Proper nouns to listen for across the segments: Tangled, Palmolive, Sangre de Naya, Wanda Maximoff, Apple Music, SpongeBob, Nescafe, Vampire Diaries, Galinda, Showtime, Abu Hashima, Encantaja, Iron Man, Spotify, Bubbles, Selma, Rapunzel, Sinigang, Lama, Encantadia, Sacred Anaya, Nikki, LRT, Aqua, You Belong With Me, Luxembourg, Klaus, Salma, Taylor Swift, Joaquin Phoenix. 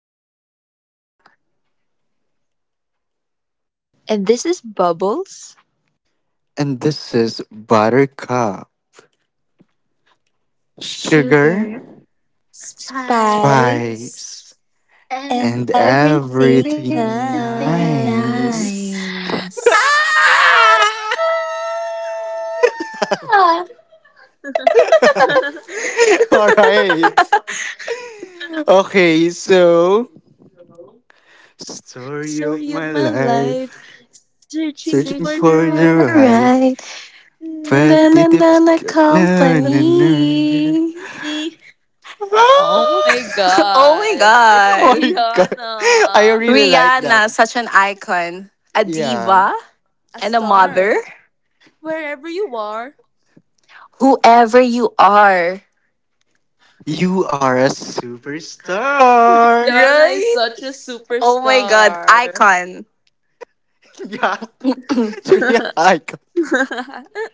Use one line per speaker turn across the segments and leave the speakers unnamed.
This is Blossom.
And this is Bubbles,
And this is Buttercup, Sugar,
Sugar,
Spy,
Spice,
spice,
and
and
and
everything
everything
everything
nice.
nice.
nice.
Ah!
Ah.
All right. Okay, so story of
Sorry of
my
my life,
life,
searching
searching
for
Searching
the
for
for
right.
the
the right,
right
but
na-
na
the
na na
tips.
na
No, no,
company.
no.
Oh
Oh.
my
oh my
god, it's
Oh my
god.
god. I
Rihanna,
really like that.
Rihanna, such an icon, a
Yeah.
diva,
a
and a
star.
mother.
Wherever you are,
Whoever you are.
You are a superstar.
Rihanna is
Right?
such a
Oh my god,
superstar.
icon.
Yeah. Julian Icon.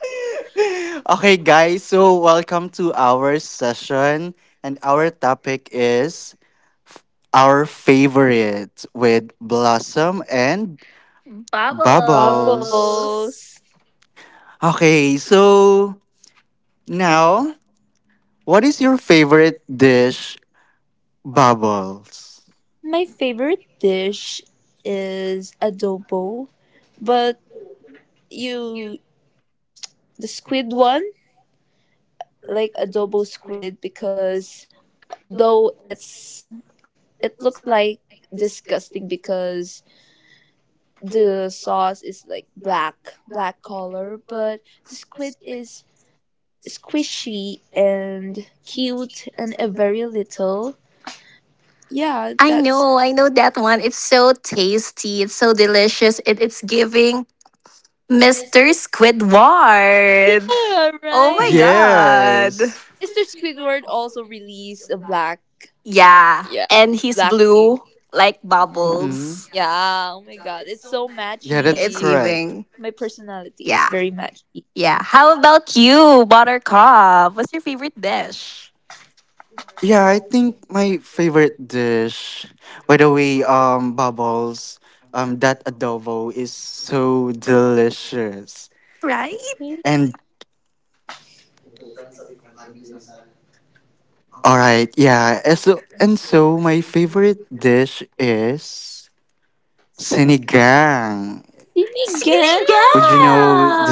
Okay, guys. So, welcome to our session. And our topic is our favorite with Blossom and Bubbles.
Bubbles.
Bubbles.
Okay, so now, what is your favorite dish, Bubbles?
My favorite dish is adobo, but you the squid one, like adobo squid because though it's it looks like disgusting because the sauce is like black, black color, but the squid is squishy and cute and a very little. Yeah, that's
I know that one. It's so tasty, it's so delicious, and it's giving Mr. Squidward.
yeah,
Oh my
right.
god.
Yes.
Mr. Squidward also released a black,
Yeah,
yeah,
and he's
black
blue
ink.
like
Mm-hmm.
bubbles.
Yeah, oh my god, it's so
Yeah, that's
It's
matchy.
correct.
giving.
My personality, it's
Yeah,
very matchy.
yeah. How about you, Buttercup? What's your favorite dish?
Yeah, I think my favorite dish, by the way, bubbles, that adobo is so delicious.
Right?
And all right, yeah, and so my favorite dish is sinigang.
Sinigang!
Sinigang!
Would you know the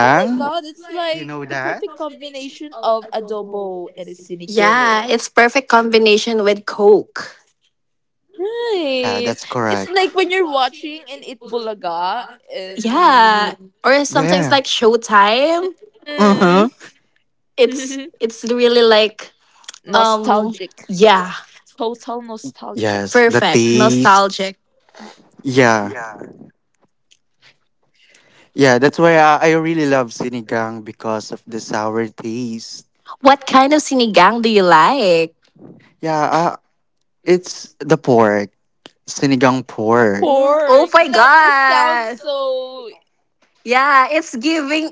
Oh my
God,
god,
it's
it's
like
Do you
like
know
the
the
that?
perfect
combination
combination
of
of
adobo
adobo
and
and a
soup. Yeah,
sinigang.
it's perfect combination with Coke.
Yeah,
Right.
that's
It's
It's
correct.
like
like
when
when
you're
you're
watching
watching
it
an
in Bulldog.
Itbulaga and the
Yeah, or sometimes like
Yeah.
Showtime.
Uh huh.
mm.
It's it's really like um
Nostalgic.
yeah,
Total nostalgic.
Yes, the
perfect,
taste.
nostalgic.
Yeah. Yeah, that's why I really love sinigang because of the sour taste.
What kind of sinigang do you like?
Yeah, it's the pork, sinigang pork.
Mm, oh
Pork.
my
That is sounds
god!
so.
Yeah, it's giving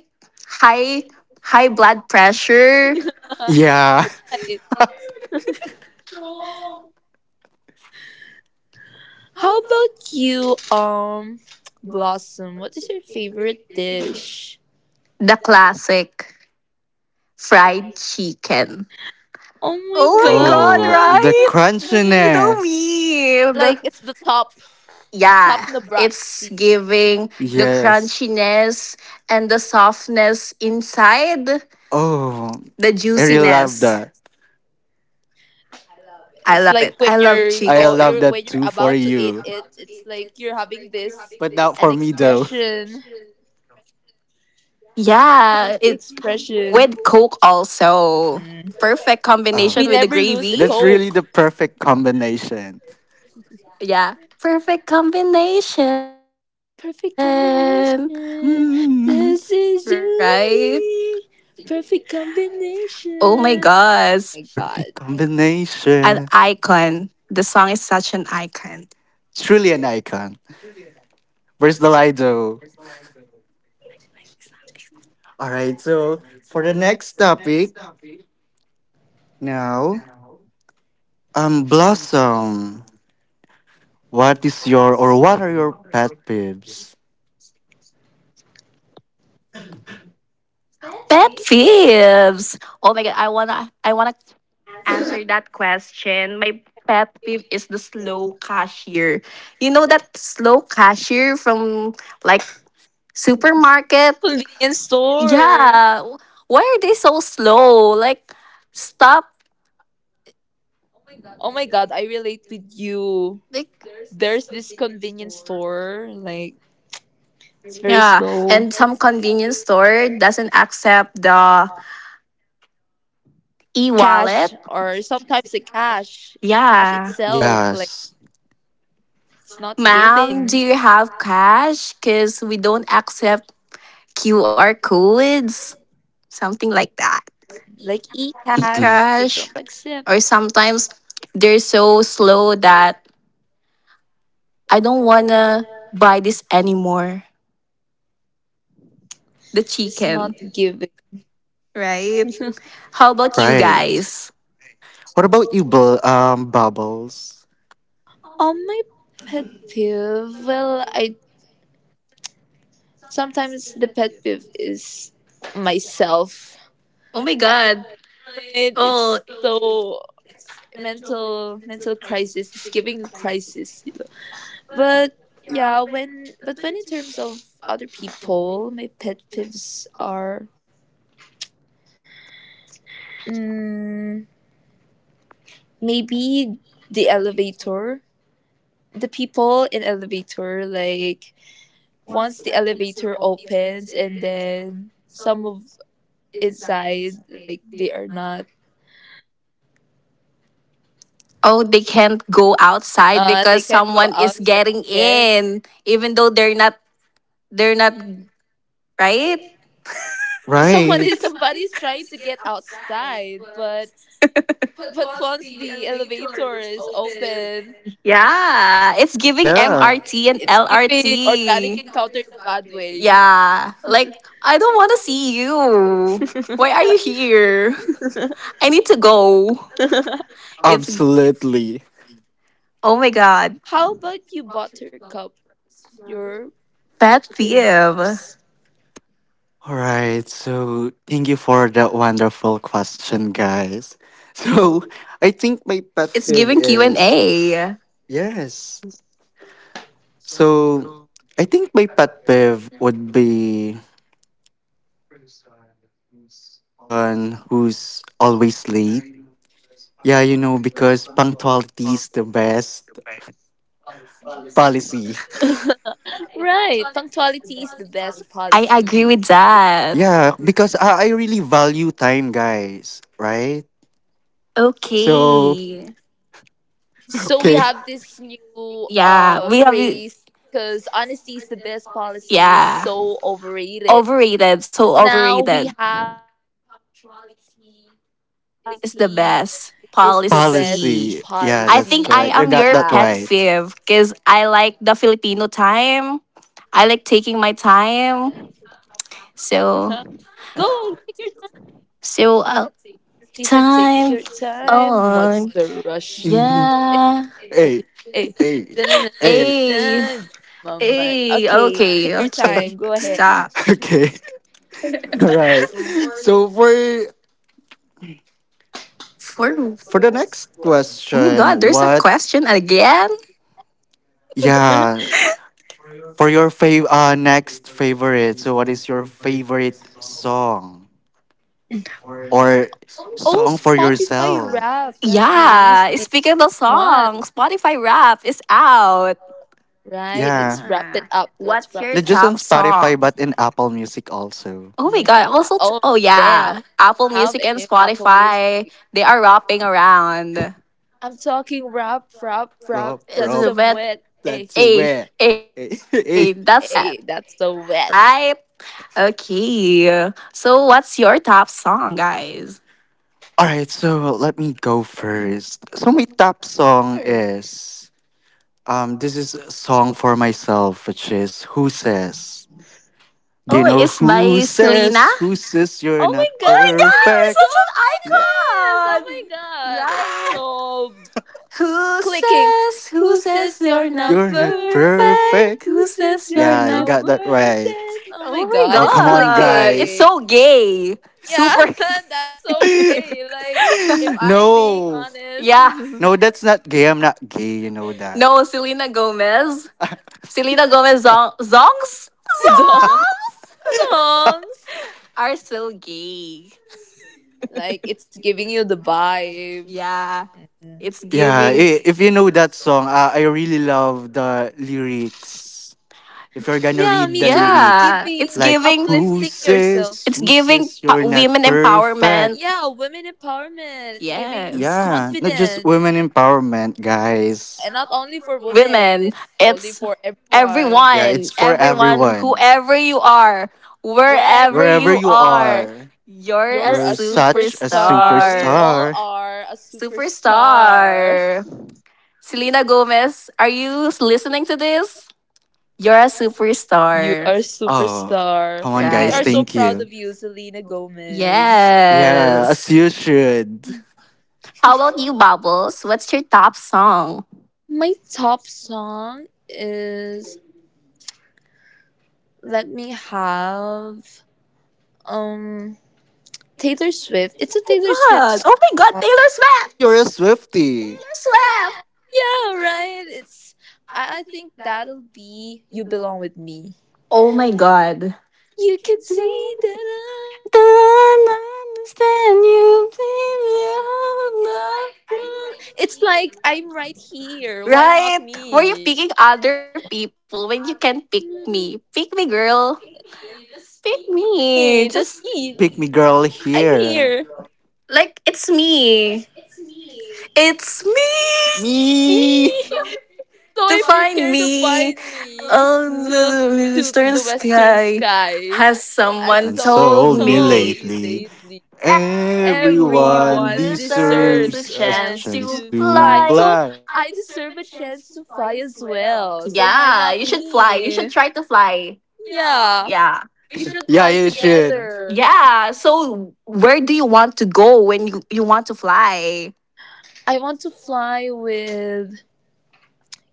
high high blood pressure,
Yeah.
Right. How about you, Blossom? What is your favorite dish?
the classic fried chicken.
Oh my
Oh my god,
Oh, the
god!
right? You know
crunchiness.
me.
Like
The-
it's the top top
Yeah, it's
Nabratsi.
giving the
Yes.
crunchiness and the softness inside,
Oh,
the
I really love
juiciness.
that.
I love it. I
It's like
love
when
chicken.
you're
I love that too for
about to eat
you,
it. It's like you're having this
but not
an
for me though.
expression,
Yeah,
crunchy
it
expression.
with coke also. Perfect
Oh,
We
combination with
never
the
lose a
that's
gravy.
really
coke.
the perfect combination.
Yeah. Perfect combination.
Perfect combination.
Mm,
This
Right?
is you and me. Perfect
Oh my gosh.
combination. Oh my
perfect
god.
An icon.
combination.
The song is such an icon.
Truly an icon. Where's the Lido? All right, so for the next topic now, Blossom, what is your or what are your pet peeves?
Pet peeves. Oh my god, I wanna answer that question. My pet peeve is the slow cashier. You know that slow cashier from like supermarket?
Convenience store.
Yeah. Why are they so slow? Like stop.
Oh my god, I relate with you.
Like
There's this convenience store, like it's very
Yeah,
slow.
and some convenience store doesn't accept the e-wallet.
Cash or sometimes the cash. Cash
Yeah.
itself, like
Yes,
it's not
Ma'am, do
giving.
you have cash? Because we don't accept QR codes, something like that.
Like e
E
cash,
Mm,
they don't
cash.
accept.
Or sometimes they're so slow that I don't want to buy this anymore. The
It's not
chicken,
giving.
right? How about you
right.
guys?
What about you, Bubbles?
On my pet peeve, well, I sometimes the pet peeve is myself.
Oh my
I,
God.
right?
Oh,
It's so mental crisis. It's giving a crisis. You know? But yeah, when but when in terms of other people, my pet peeves are mm, maybe the elevator, the people in elevator. Like once the elevator opens and then some of inside like they are not
oh, they can't go outside
they
because
can't go
someone is
outside
getting
yet,
in, even though they're not right?
someone
Right.
is somebody's trying to get outside, but once the elevator is open,
Yeah. It's giving
like
Yeah,
MRT and
it's giving organic
LRT.
encounter in a bad way.
Yeah. Like I don't wanna see you. Why are you here? I need to go. It's
absolutely.
oh my god.
How about you, buttercup, your pet
Pet peeve.
peeves?
All right, so thank you for that wonderful question, guys. So I think my pet
It's
peeve
giving Q and
is
A.
yes. So I think my pet peeve would be a person who's always late. Yeah, you know, because punctuality is the best policy.
Right, punctuality is the best
I
policy.
agree with
Yeah,
that.
because I really value time, guys, right? So,
Okay.
So we
okay,
have this new
Yeah, we have it.
phrase because honesty is the best policy is
Yeah,
so overrated.
overrated. So
Now we
overrated
have punctuality is
is
the
the
best
best
policy.
policy.
policy.
Yeah,
I
that's
think
Yes.
I
correct. You
am
got
your
that
pet
right.
fave because
Yeah,
I
it's
like
like
the
Yeah.
Filipino time. I like taking my time.
go
So,
take your,
so
she said take your
time
time. What's the rush?
on.
Mhm.
Eh, eh,
Yeah.
Hey,
eh. Dun, dun,
hey,
dun, dun,
hey.
dun.
Hey,
Moment. Okay,
hey.
take your
Okay,
time. Go ahead.
okay. Stop.
Okay, all right. So, for
For
for the next
oh my god,
question,
there's a
what
question again.
yeah. For your next favorite, so what is your favorite song or
Oh,
song for
Spotify
yourself?
Wrapped has released this
Yeah, speaking of the
month,
song, Spotify Rap is out.
right? It's
Yeah,
wrap it
Yeah.
up. Let's
What's
wrap it
your
not
up.
just on
top
Spotify
song?
but in Apple Music also.
Oh my
N-
god, also t-
Oh,
oh
damn.
yeah, Apple
Have
Music and
any Apple Music?
Spotify, they are wrapping around.
I'm talking rap, rap, rap.
Rob,
It's
That's
a
Rob,
some
wet.
wet. Hey,
that's
Hey,
where.
hey,
hey, that's wet,
hey, that's so
right?
wet.
Okay. So what's your top song, guys?
All right, so let me go first. So my top song
Sure.
is this is a song for myself, which is Who Says. Do you
Oh,
know
it's
who
by Selena.
says, who says you're
Oh my
not
Oh
god,
my
it's
god,
perfect?
such an
Selena Gomez! Oh my
icon!
god, it's
Right?
so clicking.
Who
Who
says
says you're
you're
not
not
You're not
perfect?
perfect?
perfect.
Who
Who says
says you're
you're
Yeah, you
not?
not
got that
worth
right.
it? Oh my
Oh my
god,
Oh,
it's
come on,
god, it's
guys.
clicking.
so gay.
Yeah,
Super gay.
that's so gay. Like, if I'm being
no.
honest,
yeah,
No, that's not gay. I'm not gay. You know that.
no, Selena Gomez. Selena Gomez zong- zongs?
song-
Zongs!
songs,
Are still gay.
like, it's giving you the vibe.
Yeah.
Mm.
It's
Yeah,
giving.
if you know that song, I really love the lyrics. If you're gonna
Yeah,
read
me
the
too. It's
lyrics,
Yeah, it's
giving
like,
giving.
uplifting yourself.
It's
who
giving
says
pa-
you're not
women
perfect?
empowerment.
Yeah, women empowerment. It's giving
Yes,
Yeah, not just
confidence.
women empowerment, guys.
And not only for women,
women.
it's only
It's
for everyone.
Yeah, it's
everyone,
for
Yeah.
everyone,
everyone,
whoever you are,
Wherever
wherever
you
wherever
you
you
are,
are,
are.
you're a
you're a
You're such a
superstar. We
superstar.
all
superstar.
are a superstar.
Superstar. Selena Gomez, are you listening to this? You're a
You
superstar.
are a
Oh,
superstar.
come on,
We
guys.
are
Right.
so
Thank
proud
you.
of you, Selena Gomez.
Yeah, as
Yes.
you should.
How about you, Bubbles? What's your top song?
My top song is Let Me Have um Taylor Swift. It's
Oh
a
my
Taylor Swift
god. Oh my god,
song.
Taylor
Oh, you're
Swift.
a Swifty.
Taylor Swift.
Yeah, right. It's I think that'll be You Belong With Me.
Oh my god.
You can see that I'm the one
Don't
who
understand
understands you
you,
Me
baby.
alone.
better. It's like I'm right here. Why not me?
Right. Were you picking other people when you can pick me? Pick me, girl.
Pick me, just
Pick
me.
me.
Oh,
Just
who's
I'm
pick me
here.
girl here?
like it's me. It's me.
Me.
Me.
So if you care to
To find
find
me
me, look to
under
the
the
western
eastern sky.
sky.
Has
As
someone
someone
And
told
sold
told
me
me
me
late?
lately.
lately.
Everyone
Everyone
Everyone
deserves
deserves a
a
deserves a
chance
chance
chance
to
to
to
fly.
fly.
So
fly.
I
I
deserve
deserve
a
a
chance
chance
to
to fly
fly as
as
well.
well. So why
Yeah,
not
you should fly. You should
me?
try to fly. Yeah.
Yeah,
Yeah. We
we
should
should
Yeah,
fly
fly
you should.
together.
together.
Yeah. So where do you want to go when you want to fly?
I want to fly with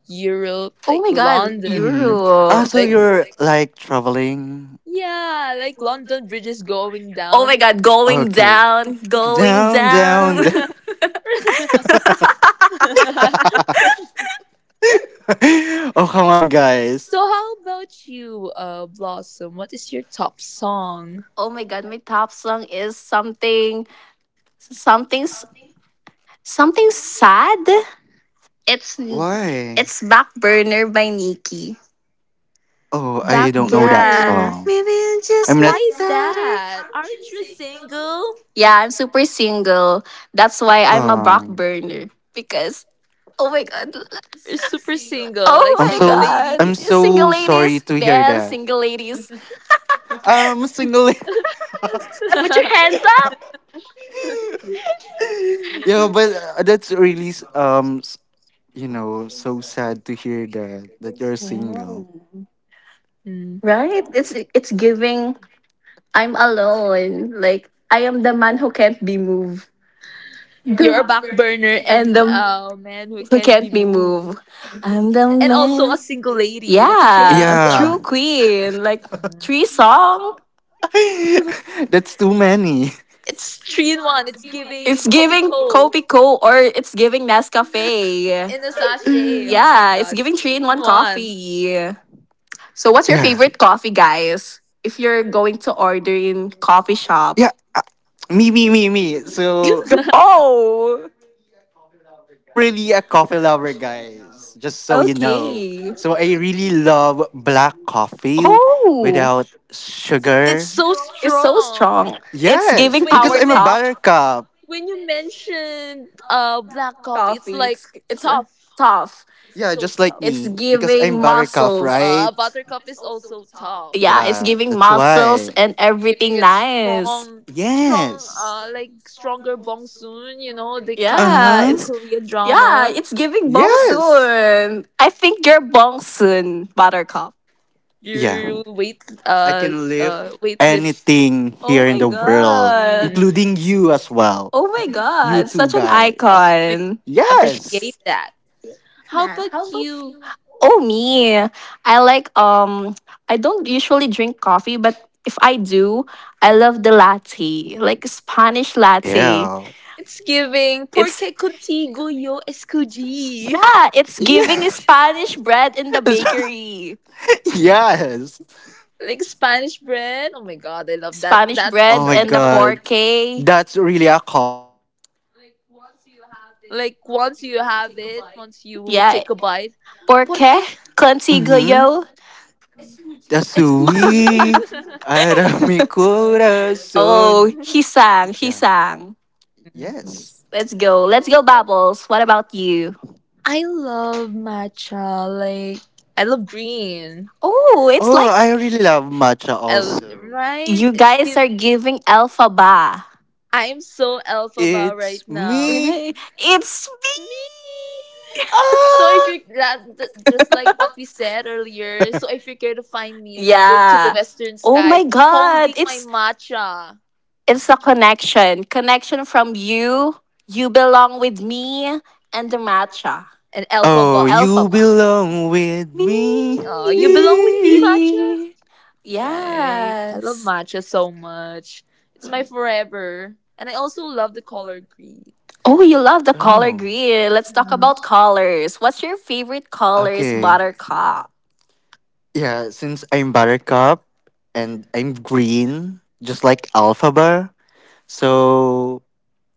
Europe,
Oh
like
my god,
London.
Mm. Ah,
Euro.
so
Like,
you're like traveling.
yeah, like London bridges going
Oh
down.
my god, going
Okay.
down, going
Down, down,
down.
down.
So
oh, come on, guys.
how about you, Blossom? What is your top song?
oh my god, my top song is something something something sad. It's
Why?
it's Back Burner by Nikki.
Oh,
Back
I don't know that
Yeah,
burner.
song.
maybe you just
I'm
Why
not.
is
like better.
that? Aren't you single?
Yeah, I'm super single. That's why I'm a back
Oh,
burner because oh my god.
You're super single, like
Oh
single
my god.
I'm
ladies.
Single
so sorry
ladies,
to hear
bad
that.
single ladies.
I'm single.
Put your hands up.
yeah, but that's really you know, so sad to hear that that you're
Yeah.
single.
Mm.
Right? It's giving I'm alone. Like I am the man who can't be moved.
You're
The-
a back burner and
and the
a man who
who
can't be
can't be
moved.
moved. I'm the
And also a
man.
single lady. Now put your
Yeah,
hands up.
Yeah,
true queen. Like
Mm.
three song.
that's too many.
It's three in one. It's giving
It's giving
Copico
Kopi Co or it's giving Nescafe.
in a sachet. Oh my
Yeah, it's
god. It's
giving three in
three
one
in one.
coffee. So what's your
Yeah,
favorite coffee, guys? If you're going to order in coffee shop,
yeah. Me, me, me, me. So I,
go.
I'm really a coffee lover, guys. Just so you know. So I
Okay.
really love black coffee without
Oh,
sugar.
It's so
it's so
strong.
strong.
Yes,
It's
because
giving
When
I'm a
you
power
mention
top
buttercup.
when you mentioned black coffee, it's
coffee.
like
It's
tough,
tough.
Yeah,
so
just like
tough.
It's
me. Because
giving
I'm buttercup,
muscles.
right?
Buttercup is also tough,
Yeah, it's
Yeah,
giving
that's
muscles
why.
and
giving
everything
it
nice.
strong, strong,
Yes.
like stronger bongsoon. You know, they
Uh
come,
Yeah,
the
huh.
Korean drama.
it's giving bong
Yes.
soon. I think you're bong soon, Buttercup.
Yeah.
Your weight,
I can lift
weightlift.
anything
Oh
here in
my
the world,
god.
Mm,
including you as well.
Oh my
You
god,
two
such an
oh
guys.
my,
icon.
appreciate
Yes.
that.
That.
How
How about
about you?
oh me. I like I don't usually drink coffee, but if I do, I love the latte. Like Spanish latte.
Yeah.
It's giving
It's
porque contigo yo escogí.
Yeah, it's giving
Yes.
Spanish bread in the bakery.
yes.
Like Spanish bread. Oh my god, I love that.
Spanish
That's the
Oh
bread
my
and
perfect.
the
god.
porke.
That's really a combo.
Like once you have it, once you take a bite,
Yeah,
porque
porke?
Mm-hmm.
Consiglio?
es cuchi.
Tasui arami corazón.
Oh, he sang, he
Yeah.
sang.
Yummy.
Yes.
Let's go, Bubbles. What about you?
I love matcha. Like I love green.
Oh, it's
Oh,
like
I really love matcha
I l-
also.
right.
you
It's
guys
giving.
are giving alpha ba.
I am so alpha bow right
It's
now.
me.
Right? It's me.
Me. So if
Ah!
you're that, just like what we said earlier, so if you're care to find me, look to the
yeah.
western
Oh
sky,
my god.
holding my
It's
matcha.
it's a connection. Connection from you. You belong with me and the matcha.
An alpha
Oh,
bar.
Alpha
you belong with me.
me.
You belong with me,
Eee.
matcha. Right. I love
Yes.
matcha so much. It's my forever. And I also love the color green.
Oh, you love the color
Oh,
green. Let's talk
Mm.
about colors. What's your favorite colors,
okay.
Buttercup?
Yeah, since I'm Buttercup and I'm green, just like Alpha. So,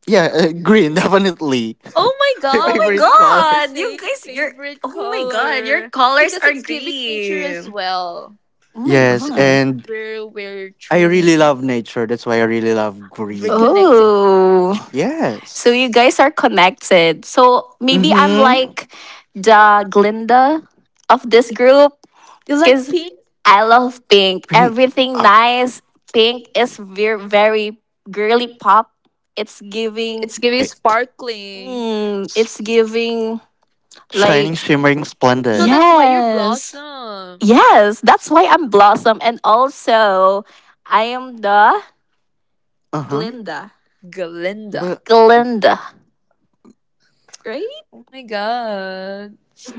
yeah, green, definitely.
Oh my
My
Oh my
god,
favorite
we
color.
have the
god, you
same
guys, you're.
favorite
Oh my god, your
color
colors
because
are
it's giving nature as
green.
well.
Oh my
Yes,
god.
and
Where we're
I really
truly
love nature. That's why I really love
reconnecting.
green.
Oh. So you
Yes.
guys are connected. So maybe I'm
Mm-hmm.
like the Glinda of this group
You like
because
pink?
I love pink.
Pretty,
Everything
uh,
nice. Pink is very, very girly pop. It's giving
It's giving
right.
sparkling.
mm,
S-
it's giving
Shining,
like
shimmering,
So
splendid.
that's why you're
yes.
blossom,
Yes, that's why I'm Blossom and also I am the
Uh huh.
Glinda.
Galinda.
But
Glinda, right?
My god.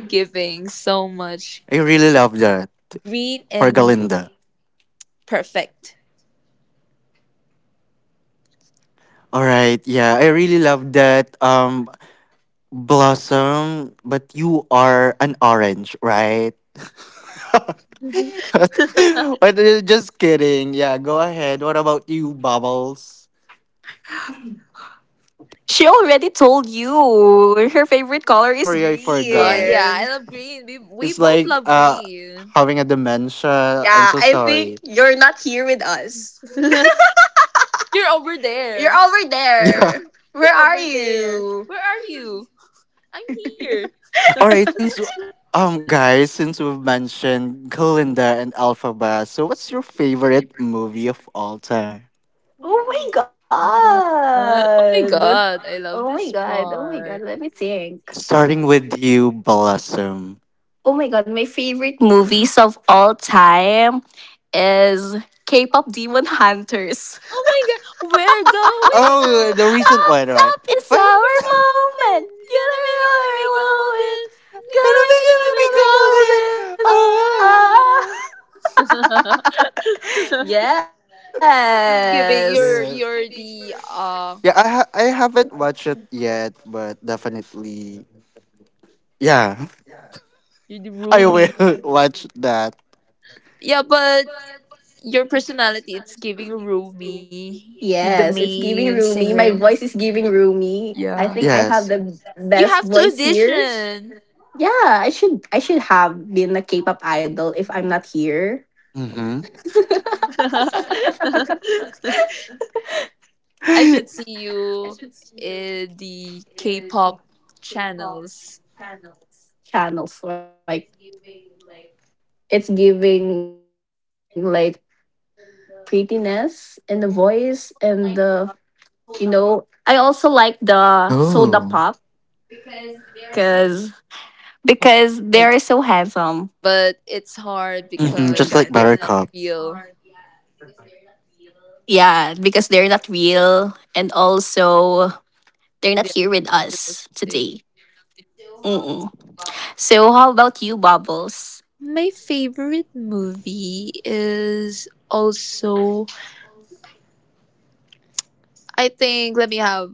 Giving so much
I really love that
green
for
and
Galinda.
perfect.
All right. Yeah, I really love that. Blossom, but you are an orange, right? but, but just kidding. Yeah, go ahead. What about you, Bubbles?
She already told you her favorite
Oh, I'm
color is
sorry, I
Oh
forgot.
yeah, I
green.
love green. We
It's
both
like
love green.
having a dementia. I'm
Yeah,
so
I think
sorry.
you're not here with us.
You're over
You're
there.
over there. Where
You're
are
over there.
you?
Where are you? I'm here.
All right, since guys, since we've mentioned Glinda and Alphaba, so what's your favorite movie of all time?
Oh my
Oh my
god.
god, I
Oh
love
my
this
god. Oh my god.
part.
Let me think.
Starting with you, Blossom.
Oh my god. My favorite movies of all time is K-pop Demon Hunters.
Oh my god, we're going
Oh,
up,
the recent
Up,
one,
up,
right?
up.
up,
It's
it's
What?
our
our moment. You're alone.
gonna be
Gonna
golden. Oh.
moment. Gonna be golden.
be golden.
Gonna be
Ah.
golden. Oh,
yes.
it's giving you're
Yeah.
you're the
Yeah, I haven't watched it yet, but definitely yeah,
you're the
I will
roomy.
watch that.
Yeah, but your personality it's giving roomy. You're the
Yes, it's
main
giving roomy.
singer.
My voice is giving roomy. I
Yeah,
think I have
Yes.
the
you
best
have to
voice here.
audition.
Yeah, I should have been a K-pop idol if I'm not here.
Mhm.
I should see you in the K-pop channels.
Channels like it's giving like prettiness and the voice and the you know I also like the soda pop
oh.
because
Oh
because
my
they're
god!
so handsome.
But it's hard
Oh
Mhm,
my
just
because
like
god.
they are not
Buttercup.
real.
Yeah, because they're not real and also they're
They are not
not here with
here with us
us
today.
today. Mm-mm. So how about you, Bubbles?
My favorite movie is also I think let me have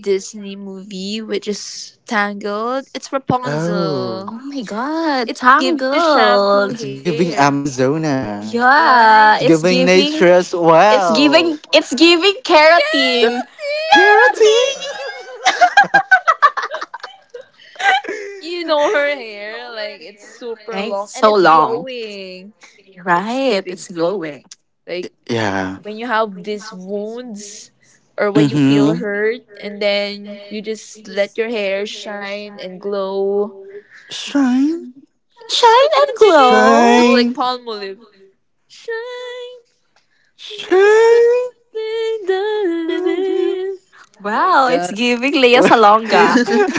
Disney movie which is Tangled. It's Rapunzel.
Oh,
Oh my God,
It's giving a shampoo
Tangled.
it's giving
hair,
Amazona.
right?
Yeah,
It's giving nature as well.
it's giving
Get
yeah,
keratin.
keratin.
Keratin.
you know her hair, like it's super
right,
long and
so
it's
long.
glowing. It's
Right,
giving
it's glowing.
like
Yeah.
when you have these wounds or when you feel
Mm-hmm.
hurt and then you just let your hair shine and glow.
Shine,
Shine and
Shine
glow.
just like
shine,
palmolive. Shine
shine.
like a single
W.
living. Oh my
Wow, it's
god.
giving Lea Salonga.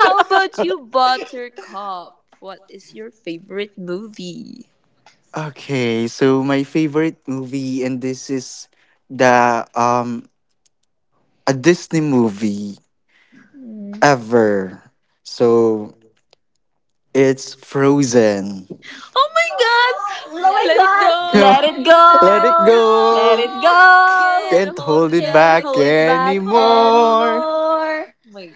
How about you, Buttercup? What is your favorite movie?
okay, so my favorite movie, and this is the a Disney movie
Hmm.
ever. So it's Frozen.
Oh
Oh my god!
my god!
Let
Let
it
it
Go.
go!
go!
Let
Let it
it
Let it
go.
go!
go!
Can't
Can't
Can't
hold
hold
it
it
hold it
back
back
back
anymore! Oh
anymore.
anymore!
my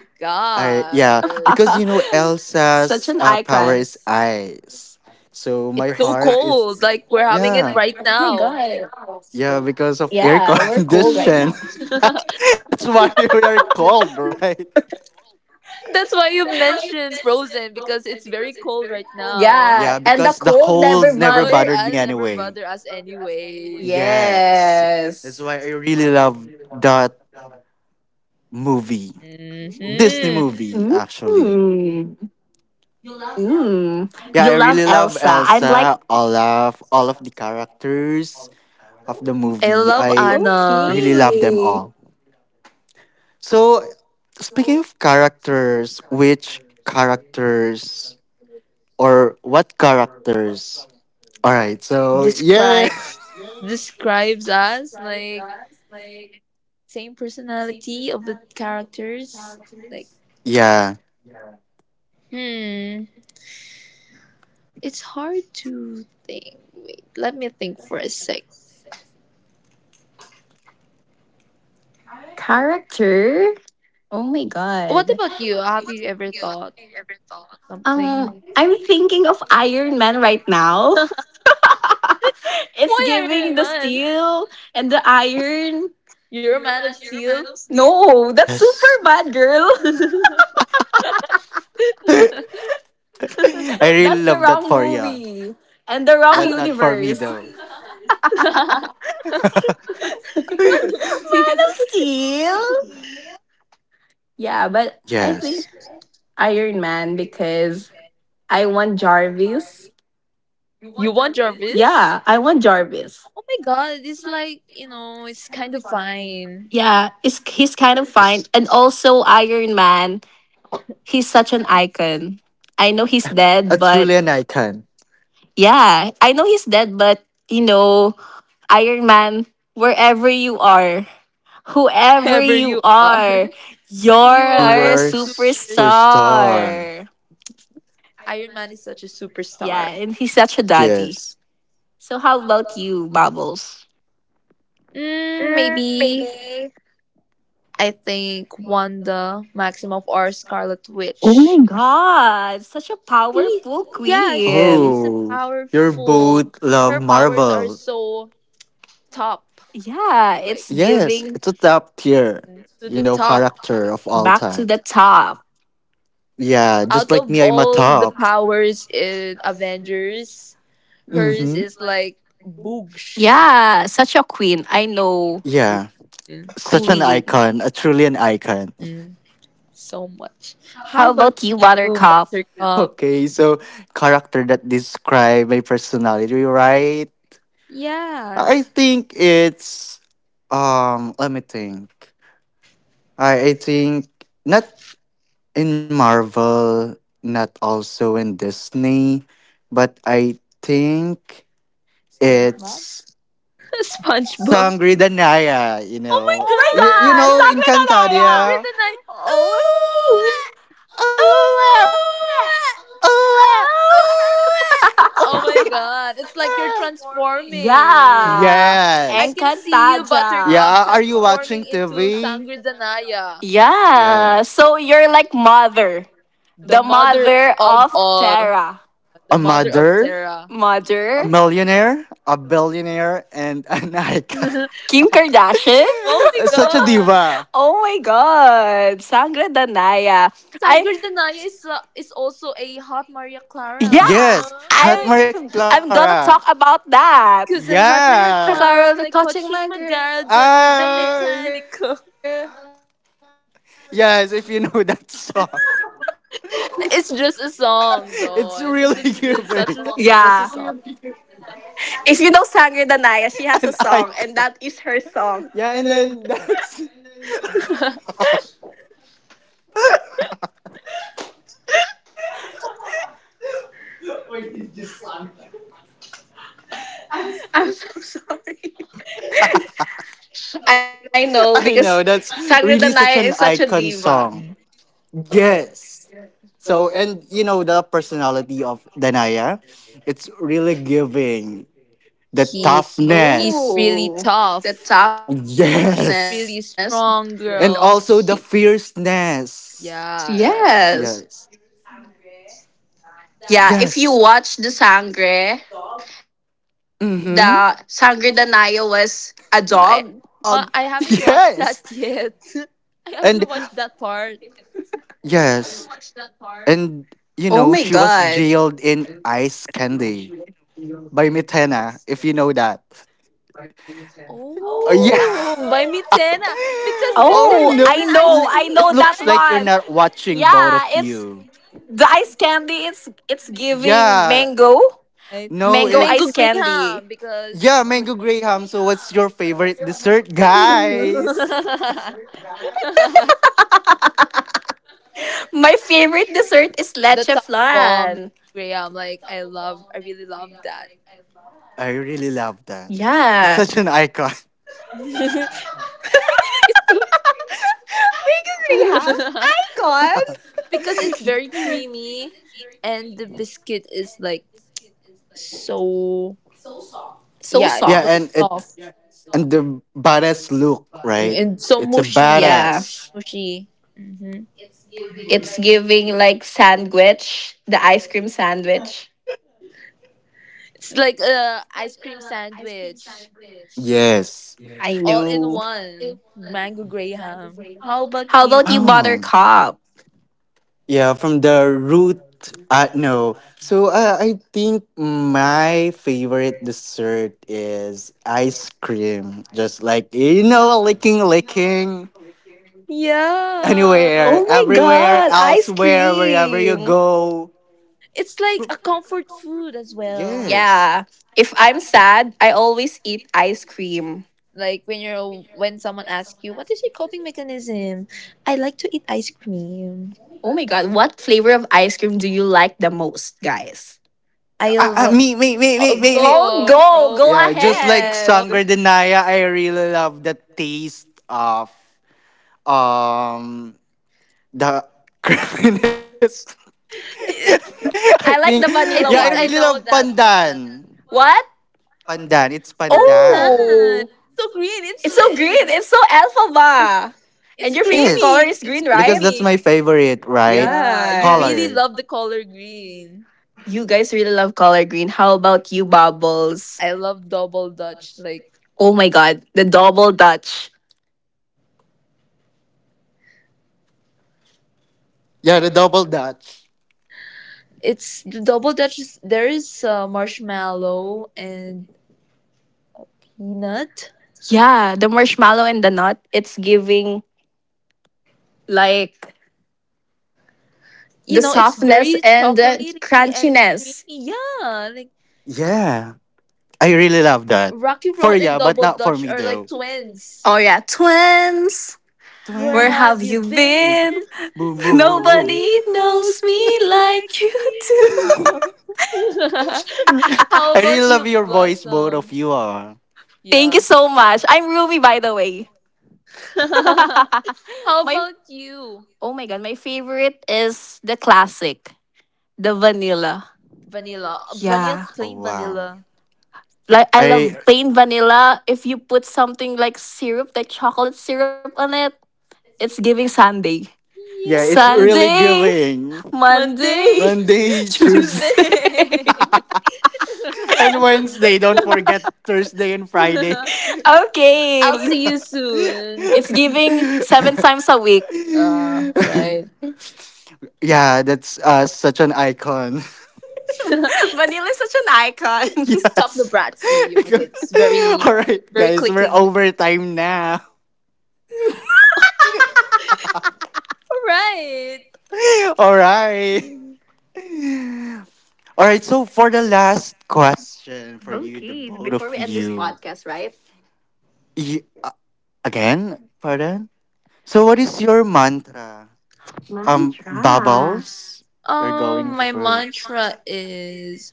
I yeah,
god!
because you know
Such an
Elsa's
icon.
power is ice. So
It's
my
so
heart is
cold. Like, we're having it
yeah.
Oh
right
my
now.
god.
It's
Yeah,
so.
because of
Yeah,
air
we're cold right now.
condition. That's why we are cold, right?
That's why you mentioned Frozen because it's very cold right now.
Yeah,
Yeah,
and the
because the
cold
cold
never
never
Oh,
bother.
bothered me
I never
anyway.
bother us anyway.
Yes. That's
Yes.
why I really love that movie. Disney
Hmm.
movie
Mm.
actually.
Mm, you love
Yeah,
Elsa.
I
I'm
really
like,
love Elsa, Olaf, all of the characters of the
I
movie.
love
I
Anna.
really
okay.
love them all. So, speaking of characters, which characters or what characters? All right, so yeah.
Describe describes us like same personality of the characters. Like,
Yeah.
hmm, it's hard to think. Wait, let me think for a sec.
Character? Oh my
What
god.
about you? Have you ever thought of something?
I'm thinking of Iron Man right now. it's
Why
giving
Iron
the
Man?
steel and the iron.
You're a man of steel.
No, that's super
Yes.
bad, girl.
Man
I really love
That's the
that for
wrong
you, but
movie
not for me
and the wrong
though.
universe.
of
Man
steel.
of Steel? Yeah, but I
Yes.
think Iron Man because I want Jarvis.
You want Jarvis?
Yeah, I want Jarvis.
Oh my god, it's like, you know, it's kind of fine.
Yeah, it's, he's kind of fine.
Yes.
And also, Iron Man, he's such an icon. I know he's
A
dead, but
truly an icon.
yeah, I know he's dead, but you know, Iron Man, wherever you are, whoever
Whoever
you
you are.
are,
You
You
are
you're
a
a
were
superstar.
superstar.
superstar.
Iron Man is such a
Yeah,
superstar.
and he's such a daddy.
Yes.
So how about you, Bubbles?
Mm, maybe I think Wanda
Oh
Maximoff or Scarlet
oh,
Witch.
my god, such a
She,
powerful
yeah,
queen.
she's a
Oh, your
powerful.
both love
Her powers are
Marvel.
so top,
Yeah,
like
it's
Yes,
giving
it's a top tier,
to
you
the
know,
top.
character of all
back
time.
to the top.
Yeah, just
Out
like
of
me, I'm a
all the
top.
powers in Avengers, hers
Mm-hmm.
is like boogsh.
Yeah, such a queen. I know.
Yeah,
Mm,
such an
Queen.
icon, a truly an icon.
mm, so much.
How
How about
about you,
you,
Buttercup?
Buttercup?
Okay, so character that describe my personality, right? I
Yes,
think it's Let me think. I think not in Marvel, not also in Disney, but I think it's
SpongeBob.
Sangre de Naya, you
Oh
know.
Oh my
You
god,
know
my god!
Sacred Anaya!
Sandra
Encantadia.
the Night. Ooh,
Oh,
ah,
Oh,
ooh,
oh.
oh,
ah, ooh,
Oh.
ah.
oh,
Oh my
my,
god! It's like you're
ah.
transforming.
yeah.
I
yes.
can see you,
Encantaja.
Buttercup,
Yeah, are you
transforming
watching
into
TV?
Sangridanaya,
Yeah.
Yes.
So you're like mother.
the
The
mother
mother
of
of
all,
Terra.
A
the mother of
mother,
Terra.
a
Mother?
millionaire, a billionaire, and an icon.
Oh
Kim Kardashian?
my
Such a
god!
diva.
oh my god. Sangra Danaya. I
Sangridanaya is also a hot Maria Clara.
yeah,
Oh
Yes,
my
I'm
hot Maria
I'm gonna talk
Clara.
about that.
Kızım Maria
Hi,
Yeah.
Clara le
Clara. They're
coaching
touching my
magara
girl.
donida
I
mecanico.
yes, if you know that song.
It's
It's
just a
just a
song
song.
though.
It's
Yeah.
really
It's such
giving
a just a song.
If you know Sangre Danaya, she has a song, and that is
an
her
icon.
song.
Yeah, and then that's
I'm so sorry. I know
I
because
know that's
Sangre
really such
Danaya
an
is such a
icon
diva.
song. Yes. So and you know the personality of Danaya, it's really giving the
he he's
toughness.
really
Oh, the
tough,
toughness.
Yes.
really strong
And
He-
girl.
also the fierceness.
Yes.
Yeah,
Yes.
Yeah, if you
Yes.
watch the Sangre
Mm-hmm.
Danaya was a dog.
I well,
Do you
I
know
haven't
about
watched
that?
that
Yes.
She
yet.
was a
I
dog.
haven't
And
watched that part.
yes. And you
Oh
know,
my
she was
god.
jailed in Ice Candy by Mitena, if you know that. Oh yeah.
Oh, by Mitena because
oh
Oh,
Mitena is
no,
an
it's,
ice
I
it
know
queen,
that
looks
right?
like you're
one.
not watching both
Yeah,
of
it's
you.
the ice candy. It's giving
Yeah.
mango,
Right.
No,
mango
Mango
ice
it's
Graham
candy.
because
yeah, mango graham. So what's your favorite dessert, guys?
the
My favorite dessert is leche
top of all Meg
flan.
Graham. Like I love, I really love that.
I really love that.
Yeah,
Such an icon.
It's- so-
bacon rehab, pecan.
because it's very creamy, and the biscuit is like so yeah,
So
it's
Yeah,
so
and
soft.
it's
soft
and the badass look,
and
right?
so
It's a
mushy, like,
Yeah,
badass.
mushy. Hmm.
it's giving like sandwich, the ice cream sandwich.
It's like a ice cream sandwich,
Yes.
I
all in
know.
one. Mango Graham. How about
How
you?
about you,
Oh.
buttercup?
Yeah, from the root. No. So I think my favorite dessert is ice cream. Just like, you know, licking, licking.
Oh
Yeah.
Anywhere,
my god,
everywhere,
ice
elsewhere, wherever you
cream.
go.
It's like a comfort food as well.
Yes.
Yeah. If I'm sad, I always eat ice cream.
Like when you're when someone asks you, "What is your coping mechanism?" I like to eat ice cream.
Oh my god, what flavor of ice cream do you like the most, guys?
I
Ah, ah,
love
me, me, me, me, me, me.
Oh,
go
go,
bro.
go
Yeah, just
Okay.
like
Go.
ahead.
sangredenaya, I really love the taste of um the creaminess. I
I
think
like the
yeah,
I
I
vanilla
really
think I
one.
love
know that one.
pandan.
What?
Pandan, it's pandan.
Pandan.
Oh,
So green.
it's so green. It's so alfalfa. And
It's
your favorite
Yes,
color
creamy.
is
It's
green,
because
right?
that's
creamy.
my favorite, right?
Yeah, you really
Yes.
Color.
love the color green.
You guys really love color green. How about you, Bubbles?
I love double dutch. Like
Oh my god, the double dutch.
Yeah, the double dutch.
it's the double dutch. Is, there is marshmallow and peanut.
Yeah, the marshmallow and the nut. It's giving like
You
the
know, it's
softness
very
and the
chocolatey and creamy.
crunchiness.
Yeah, like
Yeah, I really love that.
Rocky
For
Road and
yeah, but
Double
not for
Dutch
me
are like
though.
twins.
Oh yeah, twins.
Where
Where have
have
Twins.
you
you
been?
been?
Boom, boom, boom, boom.
Nobody
Nobody
knows
knows
me
me like
like you
me.
do.
How
I really
about you,
love your voice, both
Blossom?
of you are.
Thank
Yeah.
you so much. I'm Rumi, by the way.
How
my
about you,
oh my god, my favorite is the classic, the vanilla.
Vanilla? Vanilla,
Yeah.
Oh
plain
wow.
vanilla.
Like I love
I
plain vanilla. If you put something like syrup, like chocolate syrup on it, it's giving Sunday.
yeah, it's really
Yes.
Sunday,
giving.
Monday,
Monday,
Monday, Tuesday,
Tuesday.
Tuesday.
and Wednesday. Don't forget Thursday and Friday.
I'll
okay.
see you soon.
It's giving seven times a week.
Right.
yeah, that's such an icon.
Vanilla is such an icon.
Stop the
yes.
bratsy.
Because-
It's very,
All right,
very
guys, we're
clicking. All
over time now.
right.
All right. All right, so for the last question for you, the
okay,
both of
before we end this
you,
podcast, right?
you again, pardon. So, what is your mantra? Bubbles, you're going
My
first.
mantra is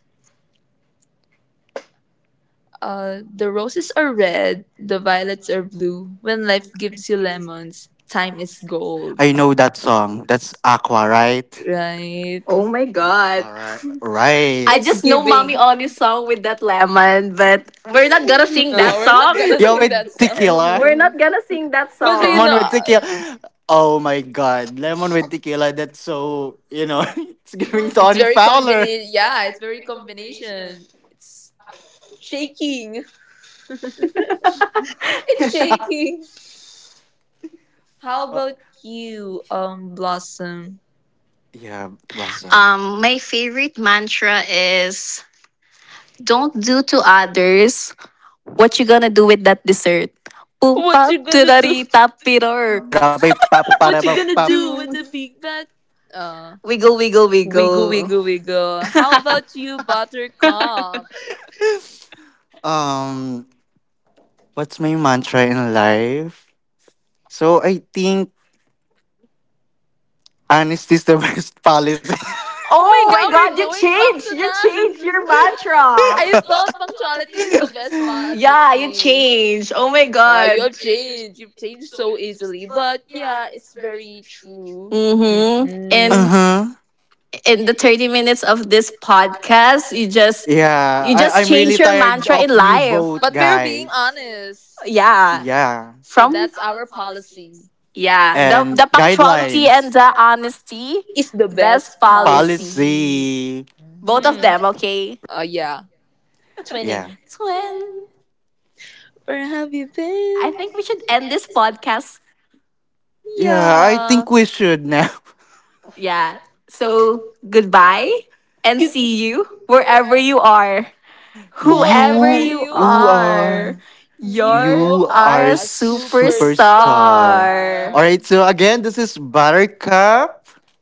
the roses are red, the violets are blue. When life gives you lemons, time is gold.
I know that song. That's Aqua, right?
Right.
Oh my
All
god.
right, right.
I
It's
just know Mommy
giving.
Oni's song with that lemon, but we're not gonna sing
No,
that
we're not
song.
gonna
Yo,
sing
with
that
tequila,
we're
song.
not gonna sing that
But you
song.
lemon with
know,
tequila. Oh my God, lemon with tequila. That's so you know, it's giving
it's
Tony
very
Fowler.
combination. Yeah, it's very combination. It's shaking. It's shaking. How
Oh,
about you, Blossom?
yeah, Blossom.
My favorite mantra is don't do to others what you gonna do with that dessert. Pum
What
pap
you gonna do?
turari
Bop,
tapirork.
bida, bop, bop, bada,
What you
bop,
gonna
bop.
do with the big bag? Uh,
We go, wiggle,
wiggle,
wiggle.
wiggle, wiggle. How about you, Buttercup?
Um, what's my mantra in life? So I think honesty is the best policy.
Oh my
Oh my
God, we're
god, you
going back
changed!
to
You
that.
changed your mantra!
I thought punctuality is the best
Yeah, you
policy.
changed. Oh my
Yeah, you
god.
have changed. You've changed so easily. But yeah, it's very true.
Mm-hmm.
uh
And
Mm-mm.
huh.
in the 30 minutes of this podcast, you just
Yeah,
you
I,
just
I'm
change
really
your
tired
mantra
of
in
you
life.
both,
But we're being
guys.
honest.
Yeah.
Yeah.
So
From
that's our policy.
yeah,
And
the punctuality and
guidelines,
the honesty,
It's the
best
best policy.
policy.
policy.
Both of
Mm-hmm.
them, okay?
Yeah.
Yeah.
Twinning.
Twin.
Where have you
I
been?
think we should end this podcast.
Yeah, I
Yeah.
think we should now.
Yeah. So goodbye and see you wherever you are. Whoever
Whoever
You, you are.
you
you
are
You
are
a
are
a
superstar.
superstar.
All right,
superstar.
so again, this is Buttercup.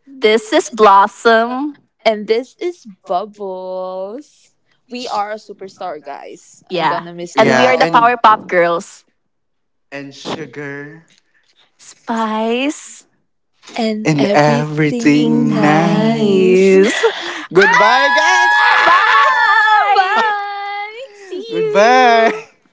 This is Blossom.
And this is Bubbles. We are a superstar, guys. I'm
Yeah.
gonna miss
And we
Yeah,
are the
y'all.
Power Pop Girls.
and sugar
Spice.
And
and
Being
everything
everything
nice.
nice.
nice.
啊，
Goodbye, guys.
Ah!
Ah!
Bye.
拜。
See you.
Goodbye.